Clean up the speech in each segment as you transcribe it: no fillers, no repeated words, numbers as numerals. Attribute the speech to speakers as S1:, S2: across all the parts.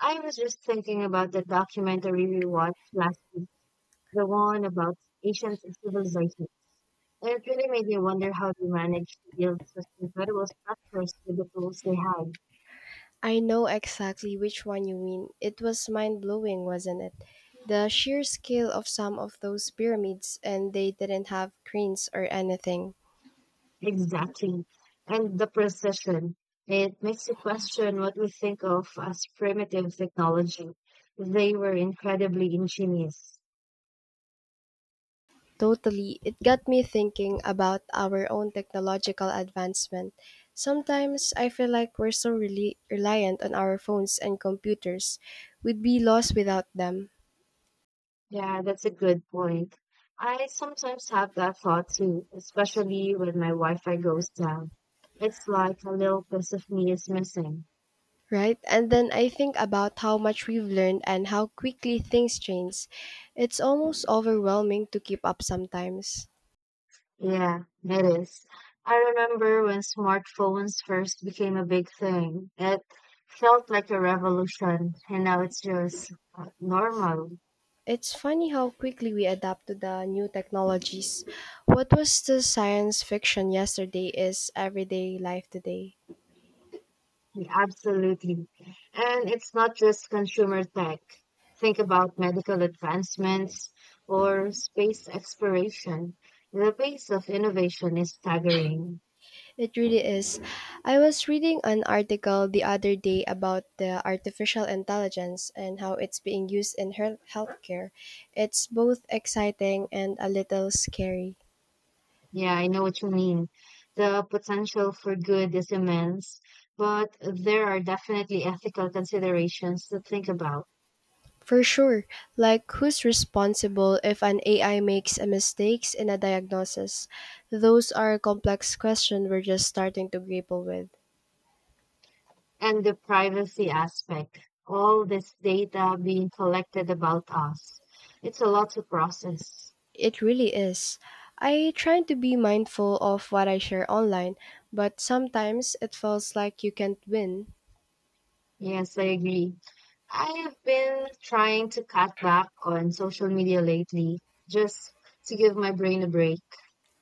S1: I was just thinking about the documentary we watched last week, the one about ancient civilizations. And it really made me wonder how they managed to build such incredible structures with the tools they had.
S2: I know exactly which one you mean. It was mind blowing, wasn't it? The sheer scale of some of those pyramids, and they didn't have cranes or anything.
S1: Exactly. And the precision. It makes you question what we think of as primitive technology. They were incredibly ingenious.
S2: Totally, it got me thinking about our own technological advancement. Sometimes I feel like we're so reliant on our phones and computers. We'd be lost without them,
S1: Yeah, that's a good point. I sometimes have that thought too, especially when my Wi-Fi goes down. It's like a little piece of me is missing.
S2: right? And then I think about how much we've learned and how quickly things change. It's almost overwhelming to keep up sometimes.
S1: Yeah, it is. I remember when smartphones first became a big thing. It felt like a revolution, and now it's just normal.
S2: It's funny how quickly we adapt to the new technologies. What was the science fiction yesterday is everyday life today.
S1: Yeah, absolutely. And it's not just consumer tech. Think about medical advancements or space exploration. The pace of innovation is staggering.
S2: It really is. I was reading an article the other day about the artificial intelligence and how it's being used in healthcare. It's both exciting and a little scary.
S1: Yeah, I know what you mean. The potential for good is immense, but there are definitely ethical considerations to think about.
S2: For sure. Like, who's responsible if an AI makes a mistakes in a diagnosis? Those are complex questions we're just starting to grapple with.
S1: And the privacy aspect, all this data being collected about us. It's a lot to process.
S2: It really is. I try to be mindful of what I share online, but sometimes it feels like you can't win.
S1: Yes, I agree. I have been trying to cut back on social media lately just to give my brain a break.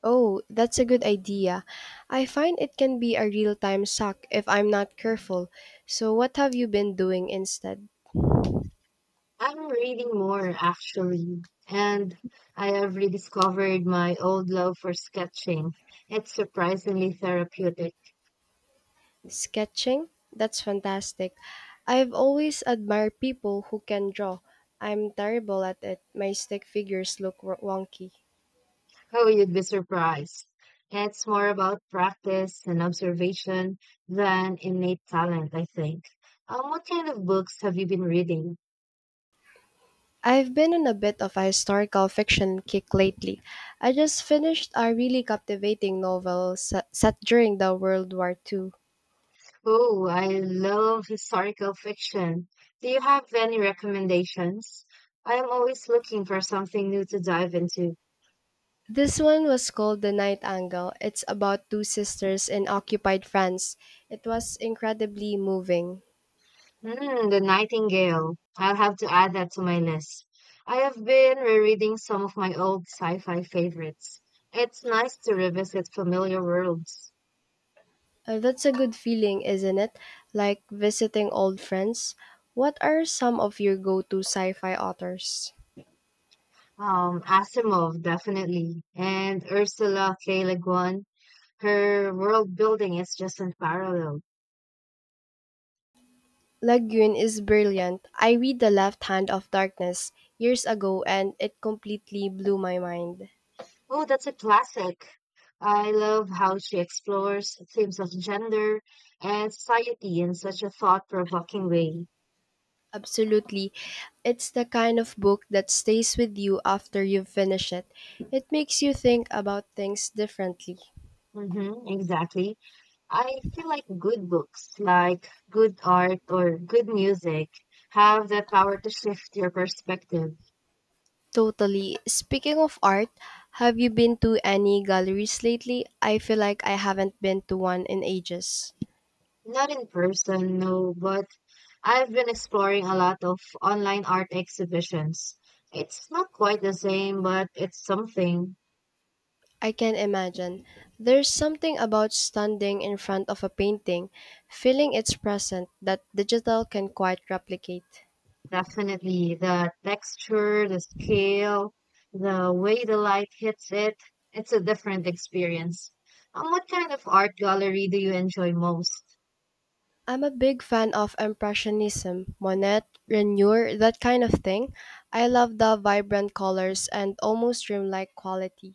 S2: Oh, that's a good idea. I find it can be a real time suck if I'm not careful. So, what have you been doing instead?
S1: I'm reading more actually, and I have rediscovered my old love for sketching. It's surprisingly therapeutic.
S2: Sketching? That's fantastic. I've always admired people who can draw. I'm terrible at it. My stick figures look wonky.
S1: Oh, you'd be surprised. It's more about practice and observation than innate talent, I think. What kind of books have you been reading?
S2: I've been on a bit of a historical fiction kick lately. I just finished a really captivating novel set during the World War Two.
S1: Oh, I love historical fiction. Do you have any recommendations? I am always looking for something new to dive into.
S2: This one was called The Night Angle. It's about two sisters in occupied France. It was incredibly moving.
S1: Hmm, The Nightingale. I'll have to add that to my list. I have been rereading some of my old sci-fi favorites. It's nice to revisit familiar worlds.
S2: That's a good feeling, isn't it? Like visiting old friends. What are some of your go to sci fi authors?
S1: Asimov, definitely. And Ursula K. Le Guin. Her world building is just unparalleled.
S2: Lagoon is brilliant. I read The Left Hand of Darkness years ago and it completely blew my mind.
S1: Oh, that's a classic. I love how she explores themes of gender and society in such a thought-provoking way.
S2: Absolutely. It's the kind of book that stays with you after you finish it. It makes you think about things differently.
S1: Mm-hmm, exactly. I feel like good books, like good art or good music, have the power to shift your perspective.
S2: Totally. Speaking of art, have you been to any galleries lately? I feel like I haven't been to one in ages.
S1: Not in person, no, but I've been exploring a lot of online art exhibitions. It's not quite the same, but it's something.
S2: I can imagine. There's something about standing in front of a painting, feeling its presence that digital can quite replicate.
S1: Definitely the texture, the scale, the way the light hits it, it's a different experience. What kind of art gallery do you enjoy most?
S2: I'm a big fan of Impressionism, Monet, Renoir, that kind of thing. I love the vibrant colors and almost dreamlike quality.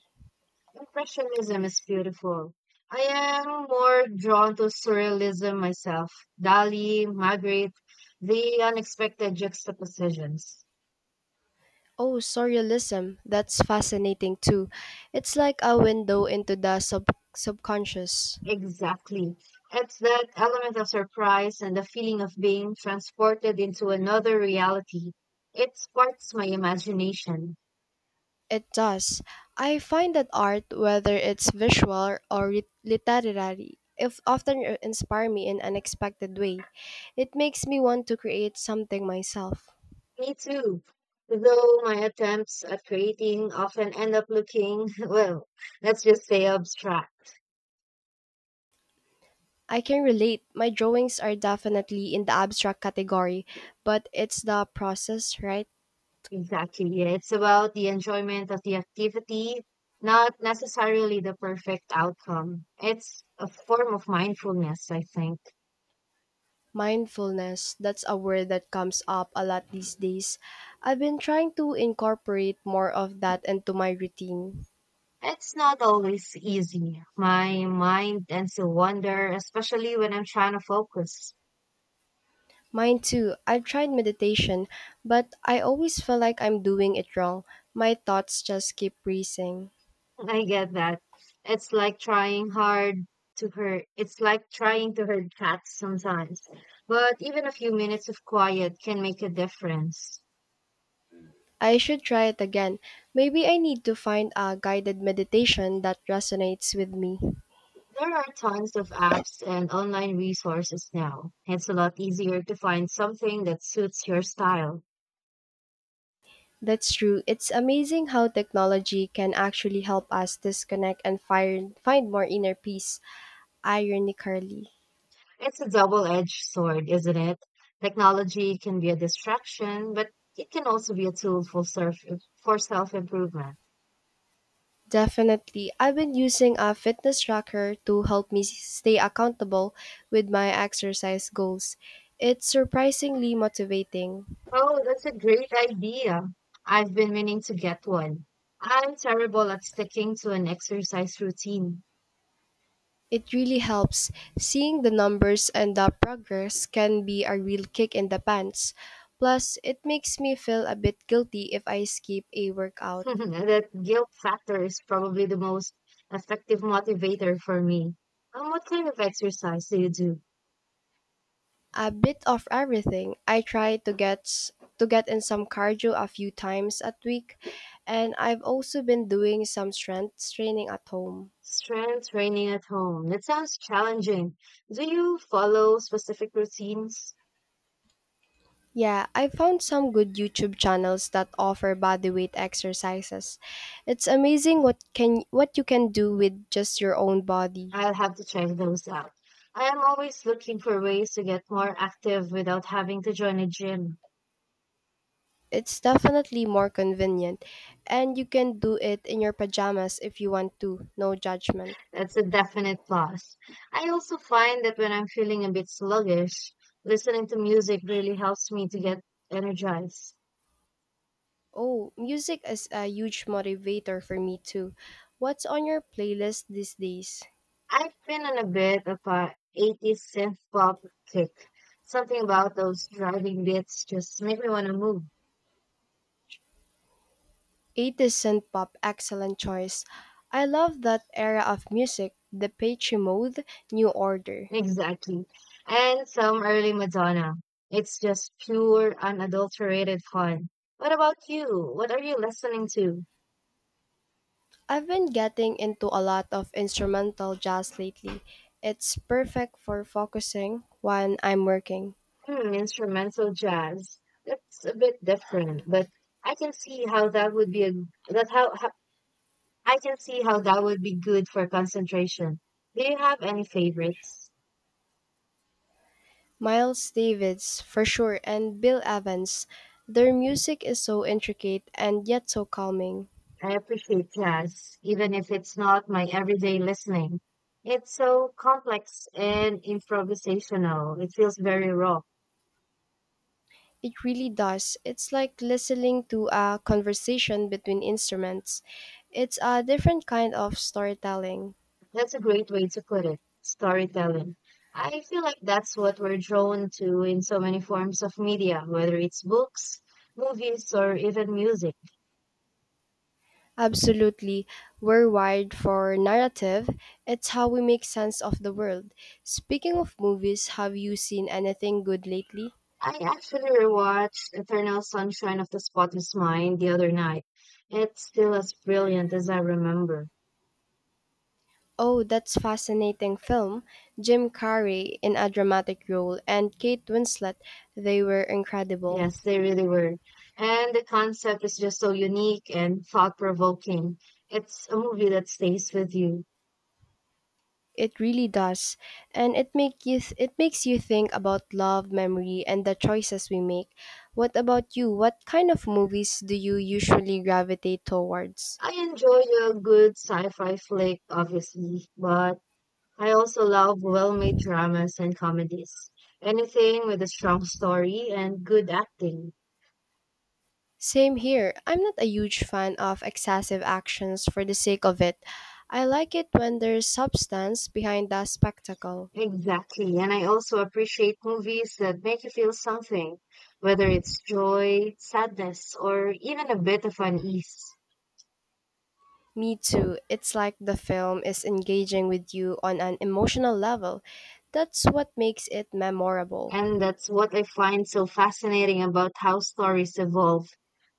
S1: Impressionism is beautiful. I am more drawn to surrealism myself. Dali, Magritte, the unexpected juxtapositions.
S2: Oh, surrealism, that's fascinating too. It's like a window into the subconscious.
S1: Exactly. It's that element of surprise and the feeling of being transported into another reality. It sparks my imagination.
S2: It does. I find that art, whether it's visual or literary, if often inspire me in unexpected way. It makes me want to create something myself.
S1: Me too. Though my attempts at creating often end up looking, well, let's just say abstract.
S2: I can relate. My drawings are definitely in the abstract category, but it's the process, right?
S1: Exactly. Yeah, it's about the enjoyment of the activity, not necessarily the perfect outcome. It's a form of mindfulness, I think.
S2: Mindfulness, that's a word that comes up a lot these days. I've been trying to incorporate more of that into my routine.
S1: It's not always easy. My mind tends to wander, especially when I'm trying to focus.
S2: Mine too. I've tried meditation, but I always feel like I'm doing it wrong. My thoughts just keep racing.
S1: I get that. It's like trying hard to hurt. It's like trying to herd cats sometimes. But even a few minutes of quiet can make a difference.
S2: I should try it again. Maybe I need to find a guided meditation that resonates with me.
S1: There are tons of apps and online resources now. It's a lot easier to find something that suits your style.
S2: That's true. It's amazing how technology can actually help us disconnect and find more inner peace, ironically.
S1: It's a double-edged sword, isn't it? Technology can be a distraction, but it can also be a tool for self-improvement.
S2: Definitely. I've been using a fitness tracker to help me stay accountable with my exercise goals. It's surprisingly motivating.
S1: Oh, that's a great idea. I've been meaning to get one. I'm terrible at sticking to an exercise routine.
S2: It really helps. Seeing the numbers and the progress can be a real kick in the pants. Plus, it makes me feel a bit guilty if I skip a workout.
S1: That guilt factor is probably the most effective motivator for me. What kind of exercise do you do?
S2: A bit of everything. I try to get in some cardio a few times a week, and I've also been doing some strength training at home.
S1: Strength training at home. That sounds challenging. Do you follow specific routines?
S2: Yeah, I found some good YouTube channels that offer bodyweight exercises. It's amazing what you can do with just your own body.
S1: I'll have to check those out. I am always looking for ways to get more active without having to join a gym.
S2: It's definitely more convenient and you can do it in your pajamas if you want to, no judgment.
S1: That's a definite plus. I also find that when I'm feeling a bit sluggish, listening to music really helps me to get energized.
S2: Oh, music is a huge motivator for me too. What's on your playlist these days?
S1: I've been on a bit of a 80s synth pop kick. Something about those driving beats just make me want to move.
S2: 80s synth pop, excellent choice. I love that era of music, the Patchy Mode, New Order.
S1: Exactly. And some early Madonna. It's just pure, unadulterated fun. What about you? What are you listening to?
S2: I've been getting into a lot of instrumental jazz lately. It's perfect for focusing when I'm working.
S1: Hmm, instrumental jazz. That's a bit different, but I can see how that would be a that how I can see how that would be good for concentration. Do you have any favorites?
S2: Miles Davis, for sure, and Bill Evans. Their music is so intricate and yet so calming.
S1: I appreciate jazz, even if it's not my everyday listening. It's so complex and improvisational. It feels very raw.
S2: It really does. It's like listening to a conversation between instruments. It's a different kind of storytelling.
S1: That's a great way to put it. Storytelling. I feel like that's what we're drawn to in so many forms of media, whether it's books, movies, or even music.
S2: Absolutely. We're wired for narrative. It's how we make sense of the world. Speaking of movies, have you seen anything good lately?
S1: I actually rewatched Eternal Sunshine of the Spotless Mind the other night. It's still as brilliant as I remember.
S2: Oh, that's fascinating film. Jim Carrey in a dramatic role and Kate Winslet, they were incredible.
S1: Yes, they really were. And the concept is just so unique and thought provoking. It's a movie that stays with you.
S2: It really does. And it makes you think about love, memory and the choices we make. What about you? What kind of movies do you usually gravitate towards?
S1: I enjoy a good sci fi flick, obviously, but I also love well-made dramas and comedies. Anything with a strong story and good acting.
S2: Same here. I'm not a huge fan of excessive actions for the sake of it. I like it when there's substance behind the spectacle.
S1: Exactly. And I also appreciate movies that make you feel something, whether it's joy, sadness, or even a bit of unease.
S2: Me too. It's like the film is engaging with you on an emotional level. That's what makes it memorable.
S1: And that's what I find so fascinating about how stories evolve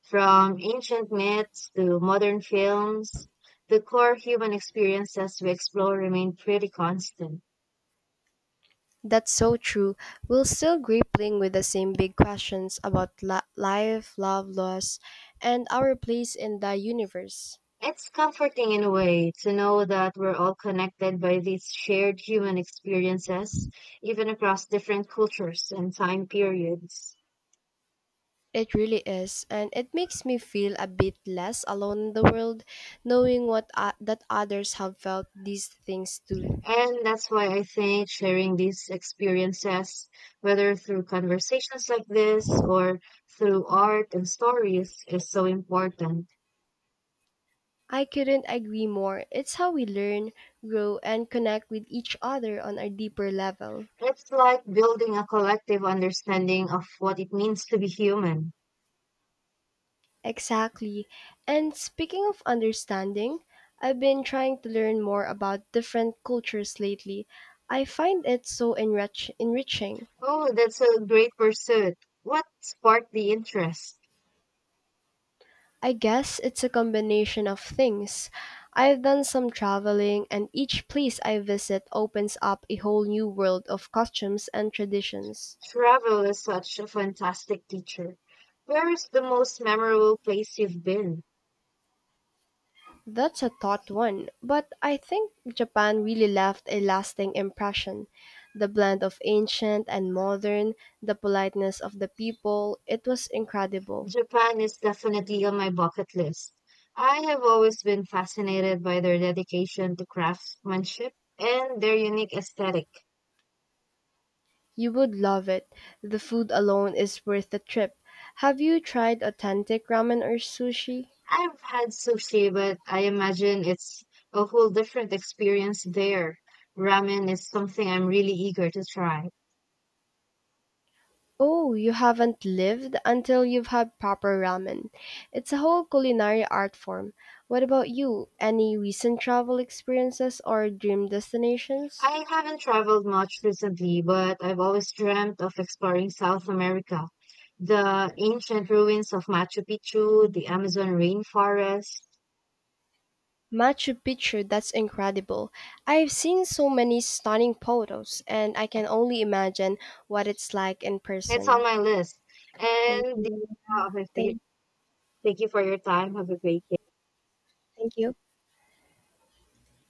S1: from ancient myths to modern films. The core human experiences we explore remain pretty constant.
S2: That's so true. We're still grappling with the same big questions about life, love, loss, and our place in the universe.
S1: It's comforting in a way to know that we're all connected by these shared human experiences, even across different cultures and time periods.
S2: It really is, and it makes me feel a bit less alone in the world, knowing what that others have felt these things too.
S1: And that's why I think sharing these experiences, whether through conversations like this or through art and stories, is so important.
S2: I couldn't agree more. It's how we learn, grow, and connect with each other on a deeper level.
S1: It's like building a collective understanding of what it means to be human.
S2: Exactly. And speaking of understanding, I've been trying to learn more about different cultures lately. I find it so enriching.
S1: Oh, that's a great pursuit. What sparked the interest?
S2: I guess it's a combination of things. I've done some traveling, and each place I visit opens up a whole new world of costumes and traditions.
S1: Travel is such a fantastic teacher. Where is the most memorable place you've been?
S2: That's a thought one, but I think Japan really left a lasting impression. The blend of ancient and modern, the politeness of the people, it was incredible.
S1: Japan is definitely on my bucket list. I have always been fascinated by their dedication to craftsmanship and their unique aesthetic.
S2: You would love it. The food alone is worth the trip. Have you tried authentic ramen or sushi?
S1: I've had sushi, but I imagine it's a whole different experience there. Ramen is something I'm really eager to try.
S2: Oh, you haven't lived until you've had proper ramen. It's a whole culinary art form. What about you? Any recent travel experiences or dream destinations?
S1: I haven't traveled much recently, but I've always dreamt of exploring South America. The ancient ruins of Machu Picchu, the Amazon rainforest.
S2: Machu Picchu, that's incredible. I've seen so many stunning photos, and I can only imagine what it's like in
S1: It's on
S2: person.
S1: my list.
S2: Thank
S1: And the,
S2: you.
S1: uh, okay,
S2: Thank,
S1: thank you for your time. Have a great
S2: thank you.